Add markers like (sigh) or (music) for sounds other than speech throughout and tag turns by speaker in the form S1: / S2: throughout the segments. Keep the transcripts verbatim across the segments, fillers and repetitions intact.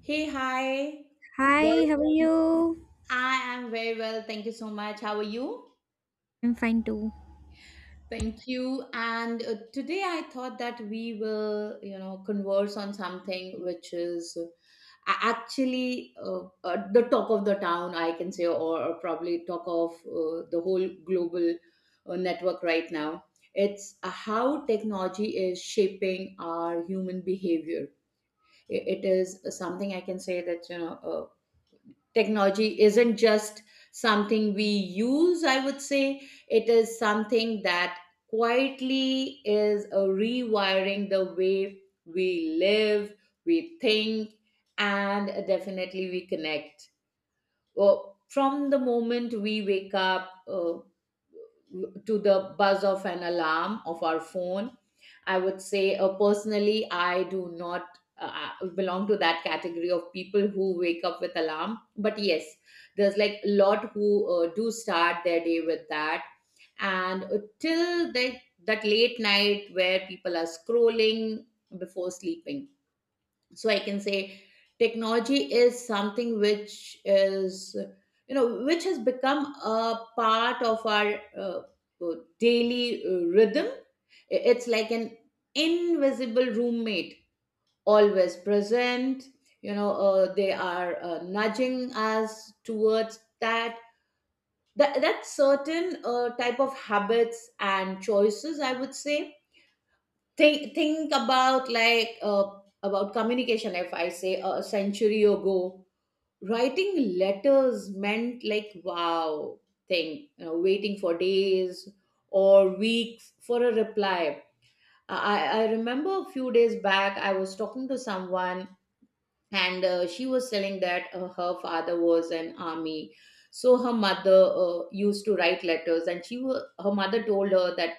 S1: Hey, hi.
S2: Hi, how are
S1: Welcome.
S2: you?
S1: I am very well. Thank you so much. How are you?
S2: I'm fine too.
S1: Thank you. And uh, today I thought that we will, you know, converse on something which is uh, a- actually uh, uh, the talk of the town, I can say, or, or probably talk of uh, the whole global uh, network right now. It's uh, how technology is shaping our human behavior. I- It is something I can say that, you know, uh, technology isn't just something we use, I would say. It is something that quietly is a rewiring the way we live, we think, and definitely we connect uh, from the moment we wake up uh, to the buzz of an alarm of our phone. I would say uh, personally I do not uh, belong to that category of people who wake up with alarm, but yes, there's like a lot who uh, do start their day with that. And uh, till that that late night where people are scrolling before sleeping. So I can say technology is something which is, you know, which has become a part of our uh, uh, daily uh, rhythm. I- it's like an invisible roommate, always present, you know. Uh, they are uh, nudging us towards that that that certain uh, type of habits and choices, I would say. Think think about like uh, about communication. If I say a century ago, writing letters meant like, wow, thing, you know, waiting for days or weeks for a reply. I, I remember a few days back I was talking to someone, and uh, she was telling that uh, her father was an army, so her mother uh, used to write letters, and she wa- her mother told her that,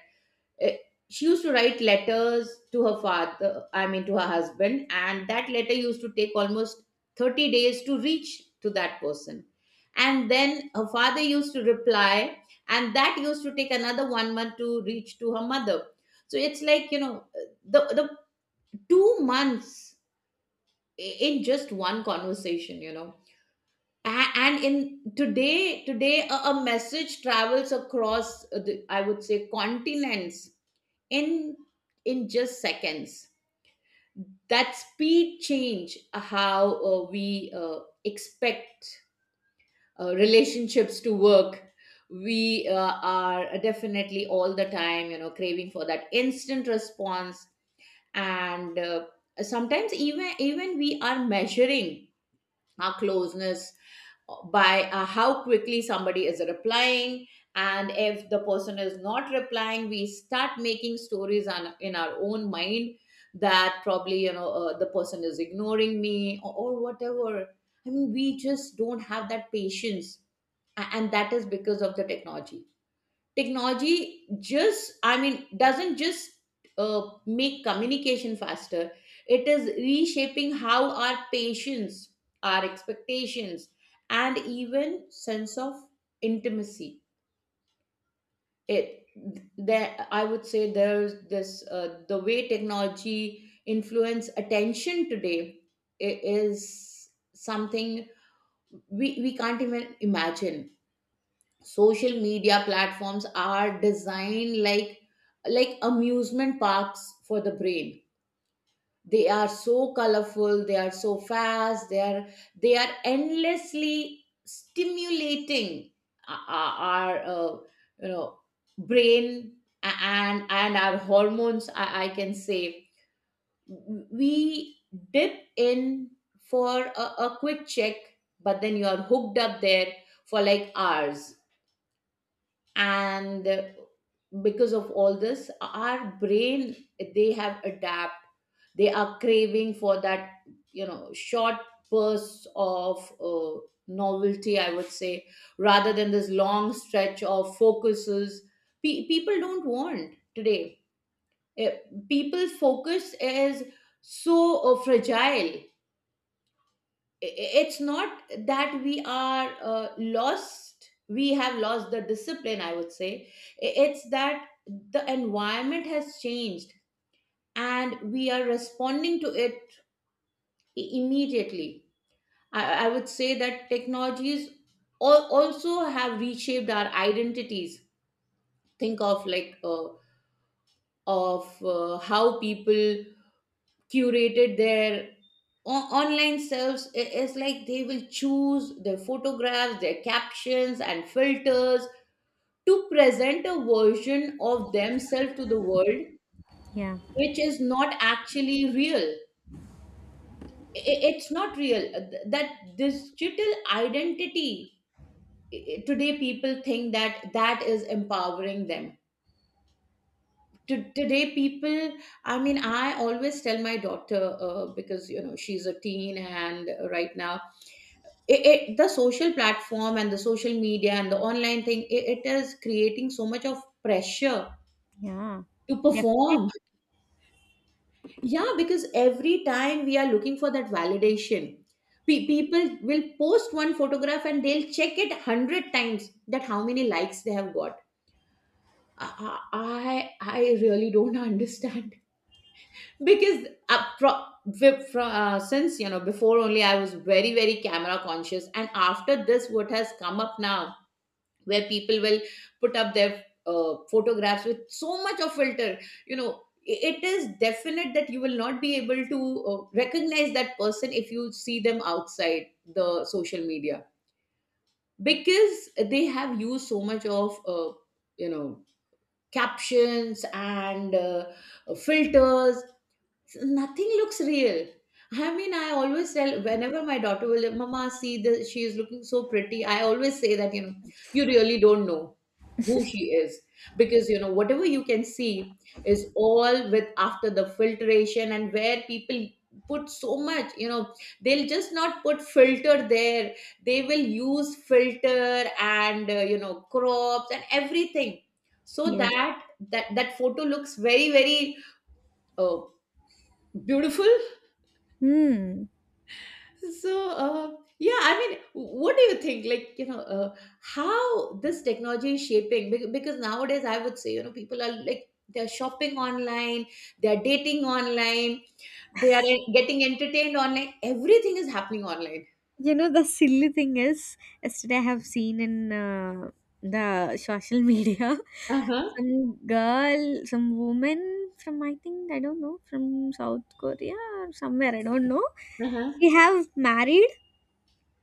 S1: Eh, she used to write letters to her father, I mean to her husband, and that letter used to take almost thirty days to reach to that person. And then her father used to reply, and that used to take another one month to reach to her mother. So it's like, you know, the the two months i- in just one conversation, you know. A- and in today today a, a message travels across uh, the, I would say continents in in just seconds. That speed change uh, how uh, we uh, expect uh, relationships to work. We uh, are definitely all the time, you know, craving for that instant response. And uh, sometimes even even we are measuring our closeness by uh, how quickly somebody is replying. And if the person is not replying, we start making stories on, in our own mind that probably, you know, uh, the person is ignoring me, or, or whatever. I mean, we just don't have that patience. A- and that is because of the technology. Technology just, I mean, doesn't just uh, make communication faster. It is reshaping how our patients, our expectations, and even sense of intimacy. It, there, I would say there's this uh, the way technology influence attention today i- is something we, we can't even imagine. Social media platforms are designed like like amusement parks for the brain. They are so colorful, they are so fast, they are they are endlessly stimulating. O- o- our uh, you know brain a- and and our hormones, i, I can say, we dip in for a, a quick check, but then you are hooked up there for like hours. And uh, because of all this, our brain, they have adapt, they are craving for that, you know, short bursts of uh, novelty, I would say, rather than this long stretch of focuses. Pe- people don't want today. Eh, People's focus is so uh, fragile. It's not that we are uh, lost, we have lost the discipline, I would say. It's that the environment has changed, and we are responding to it immediately. i, I would say that technologies al- also have reshaped our identities. Think of like uh, of uh, how people curated their o- online selves. I- it's like they will choose their photographs, their captions and filters to present a version of themselves to the world,
S2: Yeah,
S1: which is not actually real. I- it's not real. Th- that digital identity, i- today people think that that is empowering them. To- today people, I mean, I always tell my daughter, uh, because, you know, she's a teen, and right now it, it the social platform and the social media and the online thing, it, it is creating so much of pressure
S2: yeah,
S1: to perform.
S2: definitely.
S1: Yeah, because every time we are looking for that validation, pe- people will post one photograph and they'll check it one hundred times that how many likes they have got. i i, I really don't understand. (laughs) Because uh, pro- wi- fro- uh, since, you know, before only I was very very camera conscious, and after this what has come up now, where people will put up their uh, photographs with so much of filter, you know, i- it is definite that you will not be able to uh, recognize that person if you see them outside the social media, because they have used so much of uh, you know captions and uh, filters. Nothing looks real. I mean, I always tell whenever my daughter will, Mama, see the she is looking so pretty. I always say that, you know, you really don't know who she is, because, you know, whatever you can see is all with after the filtration, and where people put so much, you know, they'll just not put filter there. They will use filter and, uh, you know, crops and everything
S2: (laughs)
S1: so
S2: Yes.
S1: that that that photo looks very, very uh, beautiful.
S2: Hmm.
S1: So, uh, yeah, I mean, what do you think? Like, you know, uh, how this technology is shaping? bec- Because nowadays, I would say, you know, people are like, they're shopping online, they're dating online, they are en- getting entertained online. Everything is happening online.
S2: You know, the silly thing is, yesterday I have seen in uh, the social media. (laughs)
S1: Uh-huh.
S2: Some girl, some woman from, I think, I don't know, from South Korea or somewhere, I don't know.
S1: Uh-huh.
S2: She have married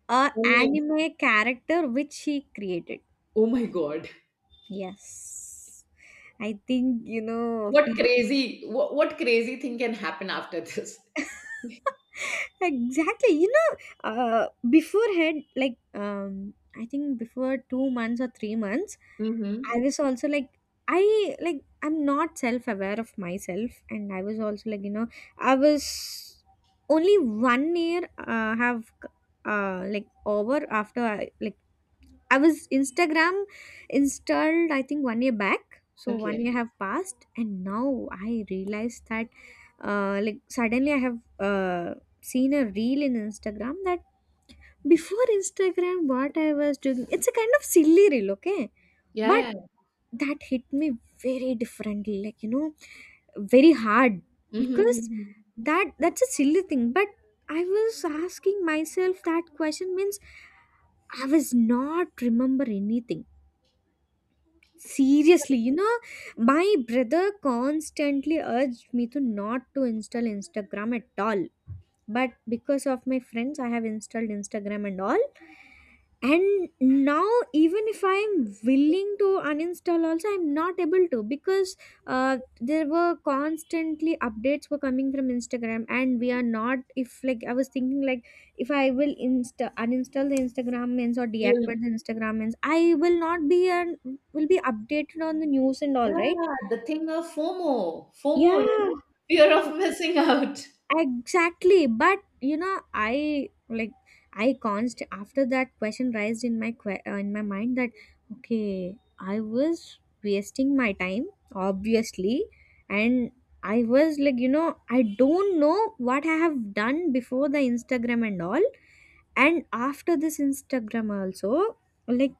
S2: a
S1: Online.
S2: anime character which she created.
S1: Oh my God.
S2: Yes. I think, you know,
S1: What crazy, what, what crazy thing can happen after this? (laughs)
S2: exactly. You know uh, beforehand, like um I think before two months or three months, I
S1: Mm-hmm.
S2: was also like, I like, I'm not self-aware of myself, and I was also like, you know, I was only one year uh, have, uh, like, over after I, like I was Instagram installed, I think, one year back. So one
S1: Okay.
S2: year have passed, and now I realized that, uh, like suddenly I have uh, seen a reel in Instagram that before Instagram, what I was doing. It's a kind of silly reel, okay? But
S1: Yeah,
S2: that hit me very differently, like, you know, very hard,
S1: yeah.
S2: because
S1: Mm-hmm.
S2: that that's a silly thing. But I was asking myself that question, means I was not remember anything. Seriously, you know, my brother constantly urged me to not to install Instagram at all. But because of my friends, I have installed Instagram and all, and now, even if I'm willing to uninstall also, I'm not able to, because uh, there were constantly updates were coming from Instagram, and we are not, if like I was thinking like if I will insta uninstall the Instagram means or
S1: You.
S2: deactivate the Instagram means, I will not be and will be updated on the news and
S1: Yeah,
S2: all, right?
S1: the thing of FOMO, FOMO, you
S2: Yeah,
S1: know, fear of missing out.
S2: exactly. But you know, I like, I const after that question raised in my que- uh, in my mind that okay, I was wasting my time, obviously, and I was like, you know, I don't know what I have done before the Instagram and all, and after this Instagram also. Like,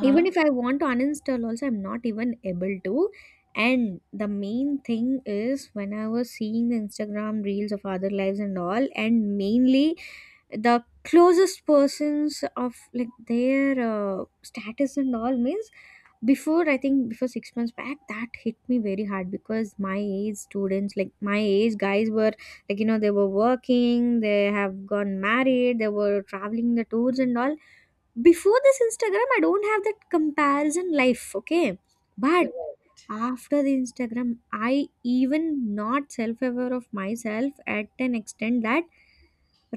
S2: even if I want to uninstall also, I'm not even able to. And the main thing is, when I was seeing the Instagram reels of other lives and all, and mainly the closest persons of like their uh, status and all means, before, I think, before six months back, that hit me very hard, because my age students, like my age guys were, like, you know, they were working, they have gone married, they were traveling the tours and all. Before this Instagram, I don't have that comparison life, okay? But
S1: Correct.
S2: after the Instagram, I even not self-aware of myself at an extent that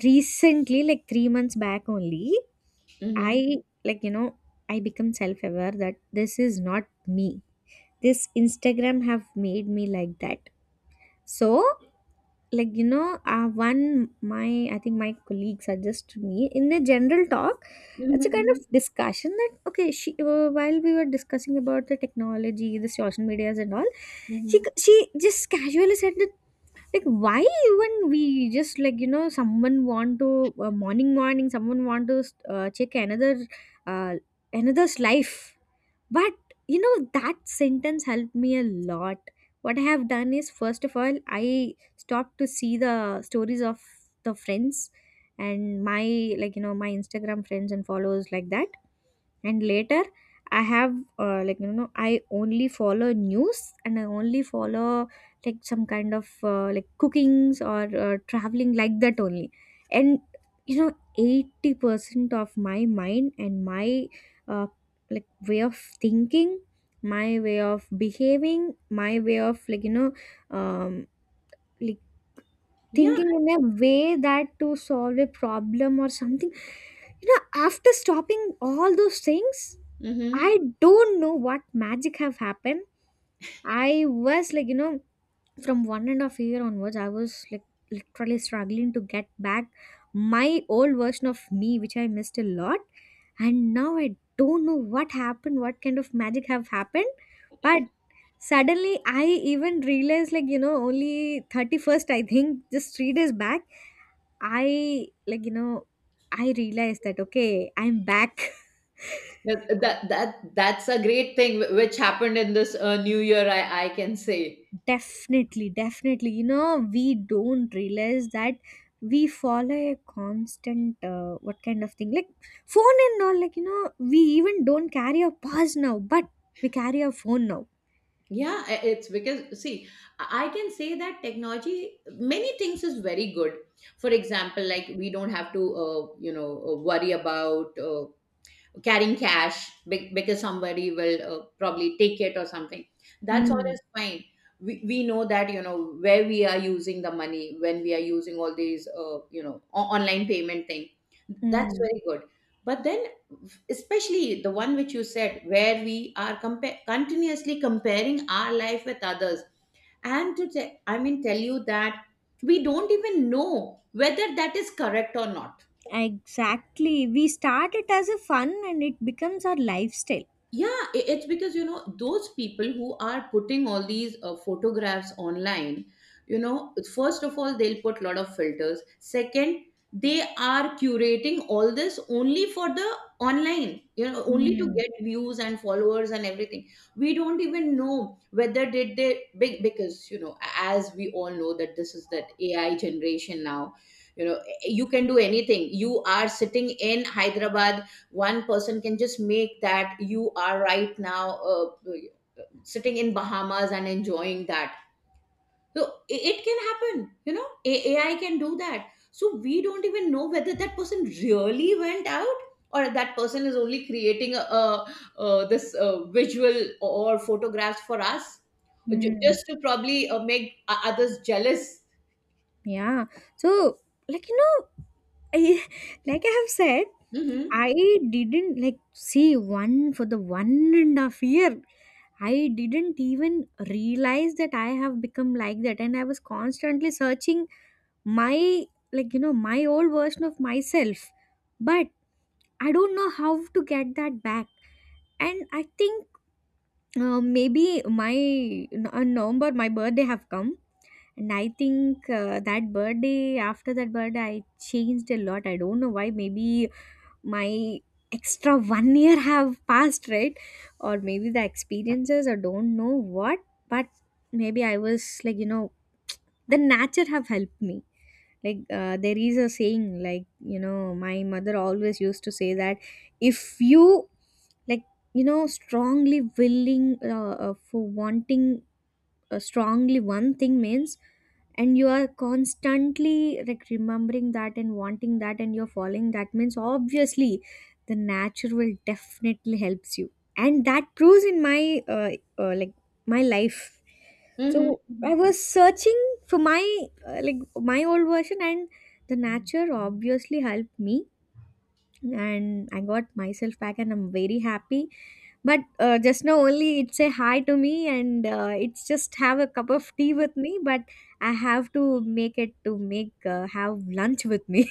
S2: recently, like three months back only, I,
S1: Mm-hmm.
S2: like, you know, I become self-aware that this is not me, this Instagram have made me like that. So, like, you know, uh, one my I think my colleague suggested me in a general talk.
S1: Mm-hmm.
S2: It's a kind of
S1: Mm-hmm.
S2: discussion that okay, she, uh, while we were discussing about the technology, the social medias and all, she
S1: Hmm.
S2: she just casually said that, like, why even we just like, you know, someone want to, uh, morning morning someone want to uh, check another, uh, another's life. But you know, that sentence helped me a lot. What I have done is, first of all, I stopped to see the stories of the friends and my, like, you know, my Instagram friends and followers, like that. And later, I have, uh, like, you know, I only follow news and I only follow like some kind of, uh, like cookings or uh, traveling, like that only. And you know, eighty percent of my mind and my, uh, like way of thinking, my way of behaving, my way of like, you know, um like
S1: Yeah.
S2: thinking in a way that to solve a problem or something, you know, after stopping all those things,
S1: Mm-hmm.
S2: I don't know what magic have happened. I was like, you know, from one and a half year onwards, I was like literally struggling to get back my old version of me, which I missed a lot. And now I don't know what happened, what kind of magic have happened. But suddenly I even realized like, you know, only thirty-first, I think, just three days back, I, like, you know, I realized that okay, I'm back. (laughs)
S1: That, that that that's a great thing wh- which happened in this uh, new year. I I can say.
S2: Definitely, definitely. You know, we don't realize that we follow a constant, uh, what kind of thing? Like phone and all, like, you know, we even don't carry our purse now, but we carry our phone now.
S1: Yeah, i- it's because, see, I I can say that technology many things is very good. For example, like we don't have to uh, you know uh, worry about. Uh, carrying cash be- because somebody will uh, probably take it or something, that's all
S2: Mm,
S1: is fine. We, we know that, you know, where we are using the money when we are using all these uh, you know o- online payment thing. That's
S2: mm,
S1: very good. But then, especially the one which you said, where we are compa- continuously comparing our life with others, and to te- I mean tell you that, we don't even know whether that is correct or not.
S2: exactly. We start it as a fun and it becomes our lifestyle.
S1: Yeah, i- it's because, you know, those people who are putting all these uh, photographs online, you know, first of all they'll put lot of filters. Second, they are curating all this only for the online, you know, only to
S2: Mm,
S1: get views and followers and everything. We don't even know whether did they big, because, you know, as we all know that this is that AI generation now. You know, you can do anything. You are sitting in Hyderabad, one person can just make that you are right now uh, sitting in Bahamas and enjoying that. So i- it can happen, you know. A- AI can do that. So we don't even know whether that person really went out, or that person is only creating a, a, a this uh, visual or photographs for us ju-
S2: mm.
S1: just to probably uh, make o- others jealous.
S2: Yeah. So, like, you know, I, (laughs) like I have said,
S1: Hmm.
S2: I didn't like see one for the one and a half year. I didn't even realize that I have become like that. And I was constantly searching my, like, you know, my old version of myself. But I don't know how to get that back. And I think, uh, maybe my in November, my birthday have come, and I think, uh, that birthday, after that birthday, I changed a lot. I don't know why. Maybe my extra one (laughs) year have passed, right? Or maybe the experiences, or don't know what. But maybe I was like, you know, the nature have helped me. Like, uh, there is a saying, like, you know, my mother always used to say that if you, like, you know, strongly willing, uh, uh, for wanting uh, strongly one thing means, and you are constantly like remembering that and wanting that and you're following that means, obviously the nature will definitely helps you. And that proves in my, uh, uh, like my life. So I
S1: Hmm.
S2: was searching for my, uh, like my old version, and the nature obviously helped me, and I got myself back and I'm very happy. But, uh, just now only it say hi to me, and, uh, it's just have a cup of tea with me. But I have to make it to make, uh, have lunch with me.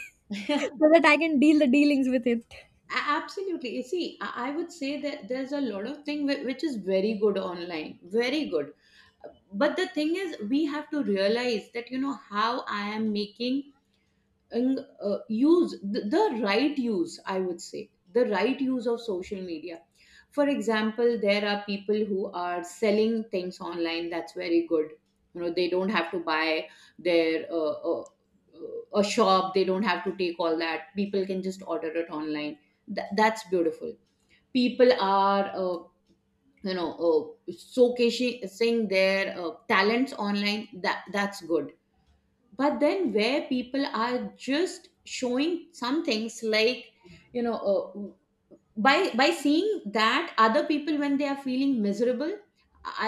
S2: (laughs)
S1: (laughs)
S2: So that I can deal the dealings with it.
S1: A- absolutely, you see, i I would say that there's a lot of thing whi- which is very good online, very good. But the thing is, we have to realize that, you know, how I am making and uh, use the, the right use, I would say, the right use of social media. For example, there are people who are selling things online, that's very good. You know, they don't have to buy their uh, uh, uh, a shop, they don't have to take all that, people can just order it online. Th- that's beautiful. People are uh, you know uh, showcasing, saying their uh, talents online, that that's good. But then where people are just showing some things like, you know, uh, by by seeing that other people, when they are feeling miserable,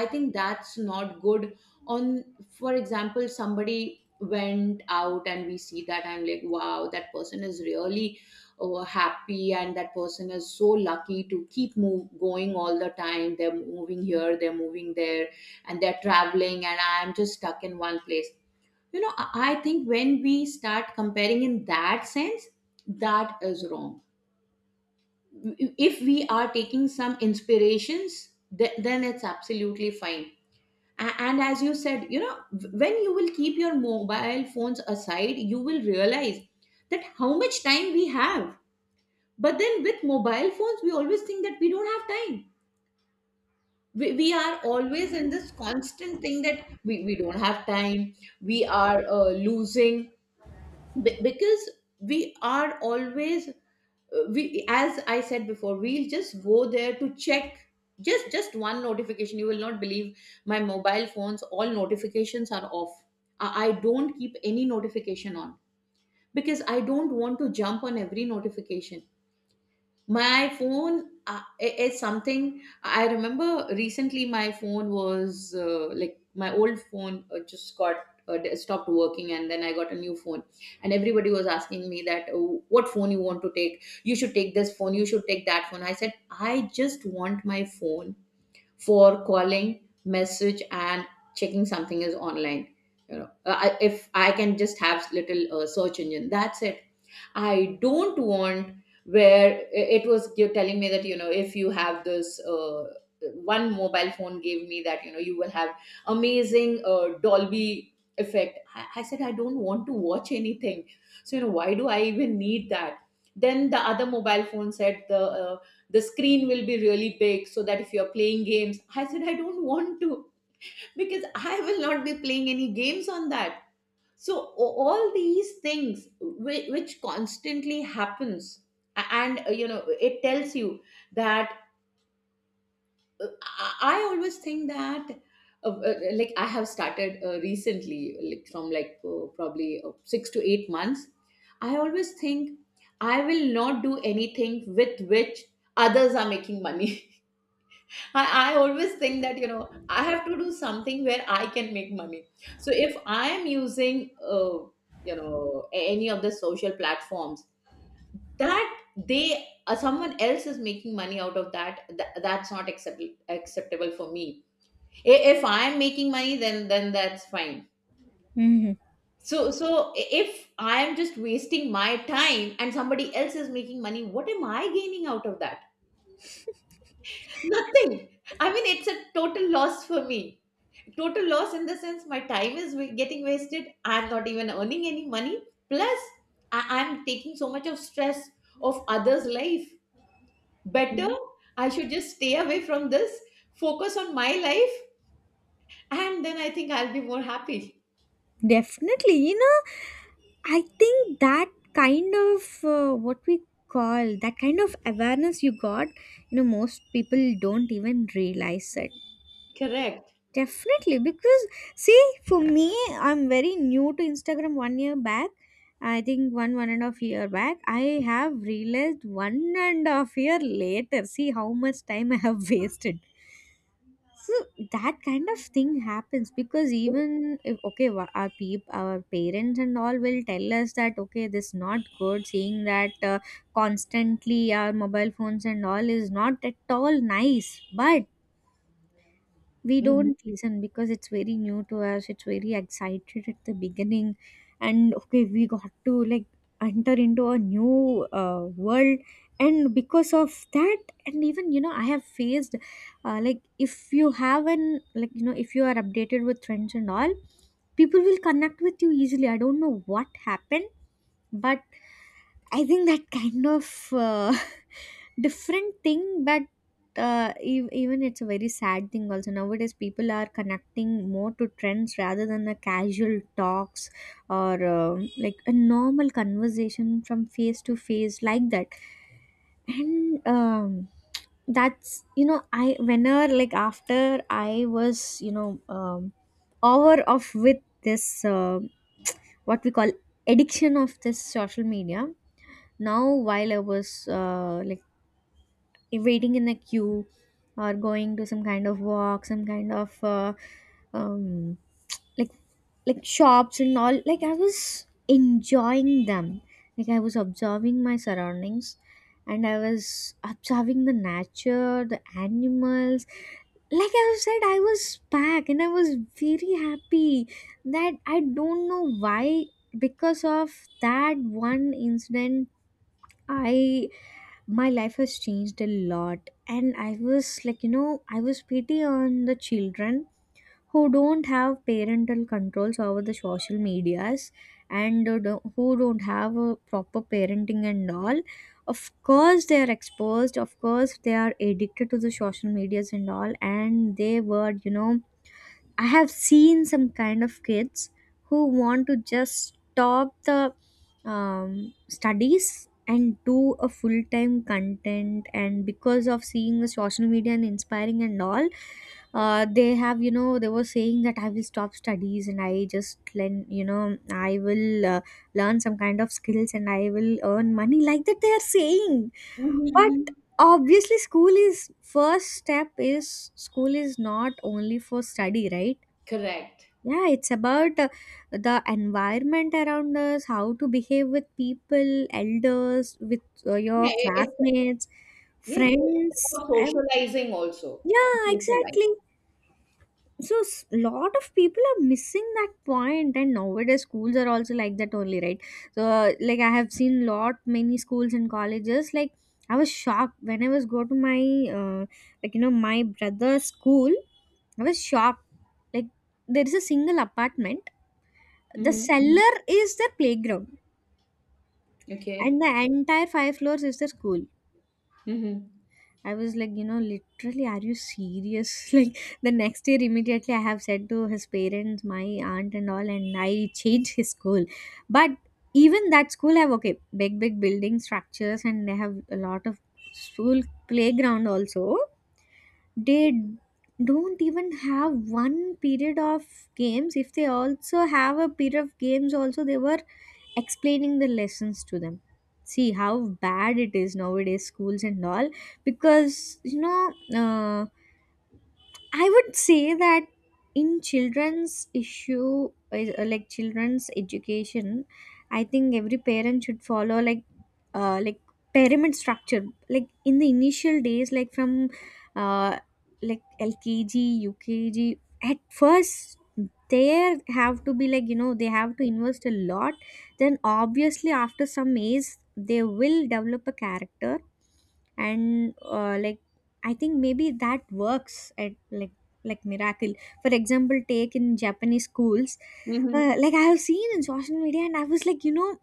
S1: I think that's not good. On, for example, somebody went out and we see that, I'm like wow, that person is really uh, happy, and that person is so lucky to keep move, going all the time. They're moving here, they're moving there, and they're traveling, and I'm just stuck in one place. You know, i I think when we start comparing in that sense, that is wrong. If we are taking some inspirations, th- then it's absolutely fine. A- and as you said, you know, when you will keep your mobile phones aside, you will realize that how much time we have. But then with mobile phones we always think that we don't have time. We, we are always in this constant thing that we, we don't have time. We are uh, losing. Be- because we are always, uh, we, as I said before, we'll just go there to check. Just just one notification, you will not believe, my mobile phone's all notifications are off. I I don't keep any notification on because I don't want to jump on every notification. My phone, uh, i- is something I remember recently. My phone was uh, like, my old phone uh, just got uh, d- stopped working, and then I got a new phone. And everybody was asking me that, "Oh, what phone you want to take? You should take this phone. You should take that phone." I said, I just want my phone for calling, message, and checking something is online. You know, uh, I, if I can just have little uh, search engine, that's it. I don't want, where it was you telling me that, you know, if you have this uh, one mobile phone gave me that, you know, you will have amazing uh, Dolby effect. I, I said I don't want to watch anything, so you know, why do I even need that? Then the other mobile phone said the, uh, the screen will be really big, so that if you're playing games. I said I don't want to, because I will not be playing any games on that. So a- all these things which, which constantly happens, a- and uh, you know, it tells you that, uh, i I always think that, uh, uh, like I have started uh, recently, like from like uh, probably uh, six to eight months, I always think I will not do anything with which others are making money. (laughs) I, I always think that, you know, I have to do something where I can make money. So if I am using, uh, you know, a- any of the social platforms that they, uh, someone else is making money out of that, that that's not acceptable acceptable for me. I- If I am making money, then then that's fine.
S2: Hmm.
S1: So so if I am just wasting my time and somebody else is making money, what am I gaining out of that? Nothing. I mean, it's a total loss for me. Total loss in the sense, my time is wa- getting wasted, I'm not even earning any money, plus I- I'm taking so much of stress of others' life. Better
S2: Mm.
S1: I should just stay away from this, focus on my life, and then I think I'll be more happy.
S2: Definitely, you know, I think that kind of, uh, what we call, that kind of awareness you got, you know, most people don't even realize it.
S1: Correct.
S2: Definitely, because see, for me, I'm very new to Instagram. One year back, I think, one one and a half year back, I have realized one and a half year later. See how much time I have (laughs) wasted. So that kind of thing happens, because even if okay, wha- our peep, our parents and all will tell us that okay, this is not good, seeing that, uh, constantly our mobile phones and all is not at all nice. But we
S1: Mhm.
S2: don't listen, because it's very new to us, it's very excited at the beginning, and okay, we got to like enter into a new, uh, world. And because of that, and even you know, I have faced, uh, like, if you have an, like, you know, if you are updated with trends and all, people will connect with you easily. I don't know what happened. But I think that kind of, uh, (laughs) different thing. But, uh, ev- even it's a very sad thing also. Nowadays, people are connecting more to trends rather than the casual talks or, uh, like a normal conversation from face to face, like that. And, um, that's, you know, I whenever, like, after I was, you know, um, over of with this, uh, what we call, addiction of this social media now, while I was, uh, like, waiting in the queue or going to some kind of walk, some kind of, uh, um, like like shops and all, like I was enjoying them. Like I was observing my surroundings, and I was observing the nature, the animals. Like I said, I was back and I was very happy that I don't know why. Because of that one incident, I, my life has changed a lot, and I was like, you know, I was pity on the children who don't have parental controls over the social medias, and, uh, do- who don't have a proper parenting and all. Of course they are exposed, of course they are addicted to the social medias and all, and they were, you know, I have seen some kind of kids who want to just stop the, um, studies and do a full time content, and because of seeing the social media and inspiring and all, uh, they have, you know, they were saying that I will stop studies and I just learn, you know, I will, uh, learn some kind of skills and I will earn money, like that. They are saying,
S1: Mhm,
S2: but
S1: mhm.
S2: obviously school is first step, is school is not only for study, right?
S1: Correct.
S2: Yeah, it's about, uh, the environment around us, how to behave with people, elders, with, uh, your
S1: Yeah, it- it's.
S2: classmates,
S1: Yes, it- it's
S2: friends.
S1: about
S2: Um,
S1: socializing also.
S2: yeah,
S1: Socialize.
S2: exactly. So, s- lot of people are missing that point, and nowadays schools are also like that only, right? So, uh, like I have seen lot many schools and colleges. Like I was shocked when I was go to my uh, like you know my brother's school. I was shocked. Like there is a single apartment, the
S1: Hmm.
S2: cellar is the playground
S1: Okay.
S2: and the entire five floors is the school.
S1: Hmm.
S2: I was like you know literally, are you serious? (laughs) Like the next year immediately I have said to his parents, my aunt and all, and I changed his school. But even that school have okay big big building structures and they have a lot of school playground also. They don't even have one period of games. If they also have a period of games also, they were explaining the lessons to them. See how bad it is nowadays, schools and all. Because you know, uh, I would say that in children's issue, is- uh, like children's education, I think every parent should follow like, uh, like pyramid structure. Like in the initial days, like from, uh, like L K G, U K G. At first, there have to be like you know they have to invest a lot. Then obviously after some age, they will develop a character and uh, like I think maybe that works at like like miracle. For example, take in Japanese schools.
S1: Hmm.
S2: Uh, like I have seen in social media and I was like you know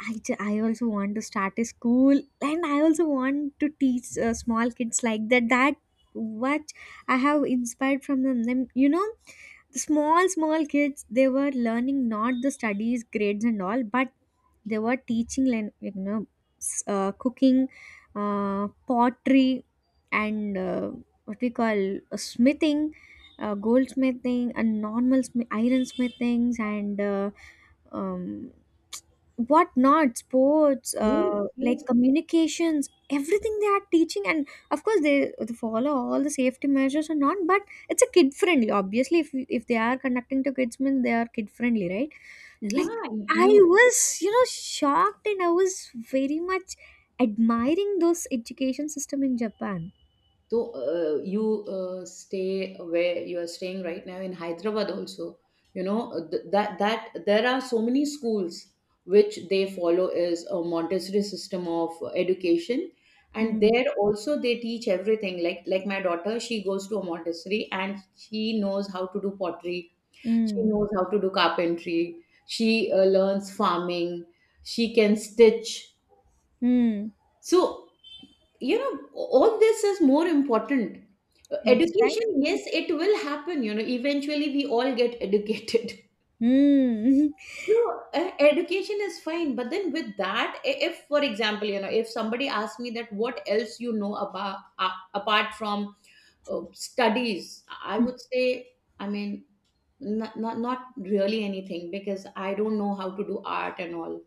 S2: I, ju- I also want to start a school and I also want to teach uh, small kids like that, that what I have inspired from them, them you know. The small small kids, they were learning not the studies grades and all, but they were teaching lan- you know, s- uh, cooking, uh, pottery and uh, what we call, uh, smithing, uh, goldsmithing and normal smi- iron smithings and uh, um, what not, sports,
S1: Yes.
S2: uh, like
S1: Yes.
S2: communications, everything they are teaching. And of course they, they follow all the safety measures and not, but it's a kid friendly. Obviously if if they are conducting to kids means they are kid friendly, right?
S1: Yeah,
S2: I
S1: you.
S2: was you know shocked and I was very much admiring those education system in Japan.
S1: So uh, you uh, stay where you are staying right now in Hyderabad also. You know, uh, th- that that there are so many schools which they follow is a Montessori system of education, and
S2: Mm,
S1: there also they teach everything. Like like my daughter, she goes to a Montessori and she knows how to do pottery. She
S2: mm,
S1: knows how to do carpentry. She uh, learns farming. She can stitch.
S2: mm,
S1: So you know, all this is more important. Uh, education,
S2: exactly.
S1: yes, it will happen, you know, eventually we all get educated.
S2: Mm.
S1: (laughs) So uh, education is fine, but then with that, i- if, for example, you know, if somebody asks me that what else you know about, uh, apart from uh, studies, I would
S2: (laughs)
S1: say, I mean, not, not not really anything, because I don't know how to do art and all,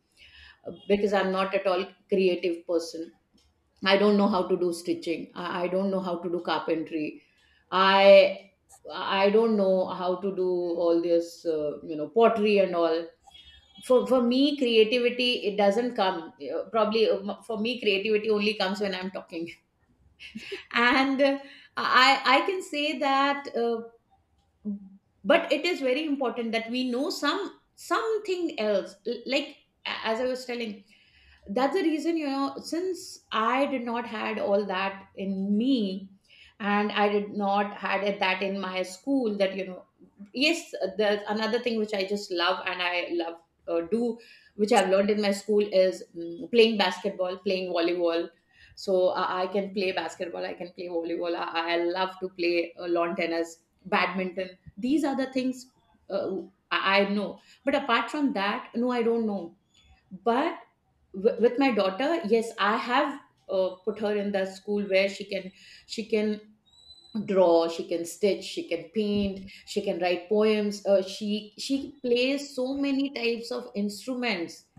S1: uh, because I'm not at all creative person. I don't know how to do stitching. I, I don't know how to do carpentry. I I don't know how to do all this, uh, you know, pottery and all. For for me, creativity, it doesn't come. uh, Probably uh, m- for me, creativity only comes when I'm talking. (laughs) And uh, I I can say that. Uh, but it is very important that we know some something else. L- like, a- as I was telling, that's the reason, you know, since I did not had all that in me, and I did not had it that in my school, that you know, yes, there's another thing which I just love and I love uh, do, which I've learned in my school, is mm, playing basketball, playing volleyball. So I, i can play basketball, I can play volleyball, i, I love to play uh, lawn tennis, badminton. These are the things uh, I I know. But apart from that, no, I don't know. But w- with my daughter, yes, I have uh, put her in the school where she can, she can draw, she can stitch, she can paint, she can write poems. Uh, she she plays so many types of instruments.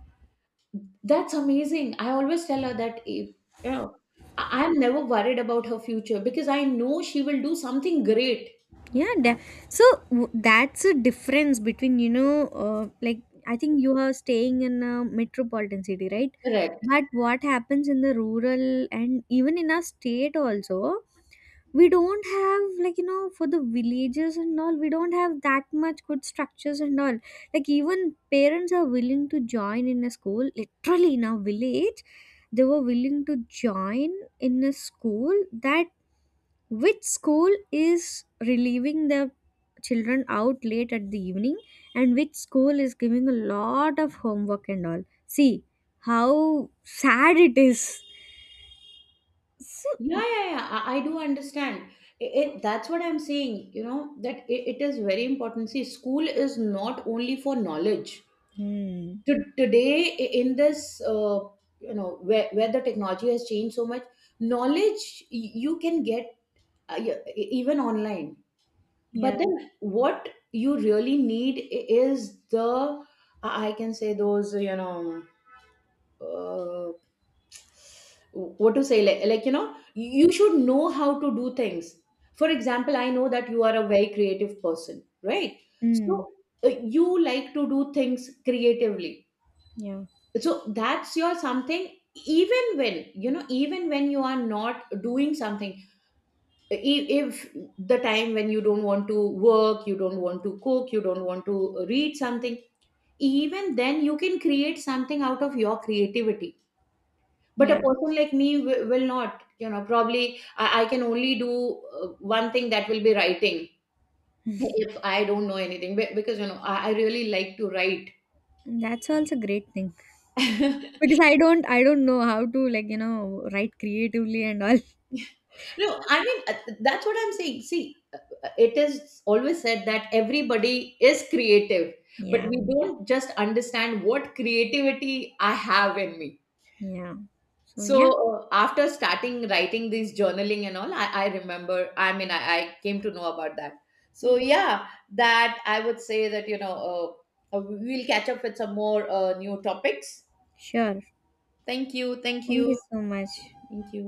S1: That's amazing. I always tell her that, if you know, I- I'm never worried about her future, because I know she will do something great.
S2: Yeah, da- so w- that's a difference between you know uh, like I think you are staying in a metropolitan city, right?
S1: Correct.
S2: But what happens in the rural and even in our state also, we don't have like you know for the villages and all, we don't have that much good structures and all. Like even parents are willing to join in a school literally. In our village, they were willing to join in a school that which school is relieving the children out late at the evening and which school is giving a lot of homework and all. See how sad it is. So,
S1: Yeah, yeah, yeah. I, I do understand. It, it- that's what I'm saying, you know, that it, it is very important. See, school is not only for knowledge.
S2: mm,
S1: To, today, i- in this, uh, you know, where, where the technology has changed so much, knowledge y- you can get uh, y- e- even online.
S2: yeah.
S1: But then what you really need i- is the, I I can say those, you know, uh, what to say, like, like you know, you should know how to do things. For example, I know that you are a very creative person, right?
S2: Mm,
S1: So uh, you like to do things creatively,
S2: yeah,
S1: so that's your something. Even when, you know, even when you are not doing something, i- if the time when you don't want to work, you don't want to cook, you don't want to read something, even then you can create something out of your creativity. But a
S2: yeah.
S1: person like me w- will not, you know, probably I, I can only do uh, one thing, that will be writing,
S2: Mm.
S1: if I don't know anything, be- because, you know, I, I really like to write.
S2: That's also great thing because
S1: (laughs)
S2: I don't, I don't know how to like you know write creatively and all. (laughs)
S1: No, I mean, uh, that's what I'm saying. See, uh, uh, it is always said that everybody is creative, but
S2: Yeah,
S1: we don't just understand what creativity I have in me.
S2: yeah. So yeah,
S1: So uh, after starting writing these journaling and all, I, I remember, I mean, I, I came to know about that. So yeah, that I would say that, you know, uh, uh, we'll catch up with some more uh, new topics.
S2: sure.
S1: Thank you. Thank
S2: Thank you
S1: you.
S2: so much.
S1: Thank you.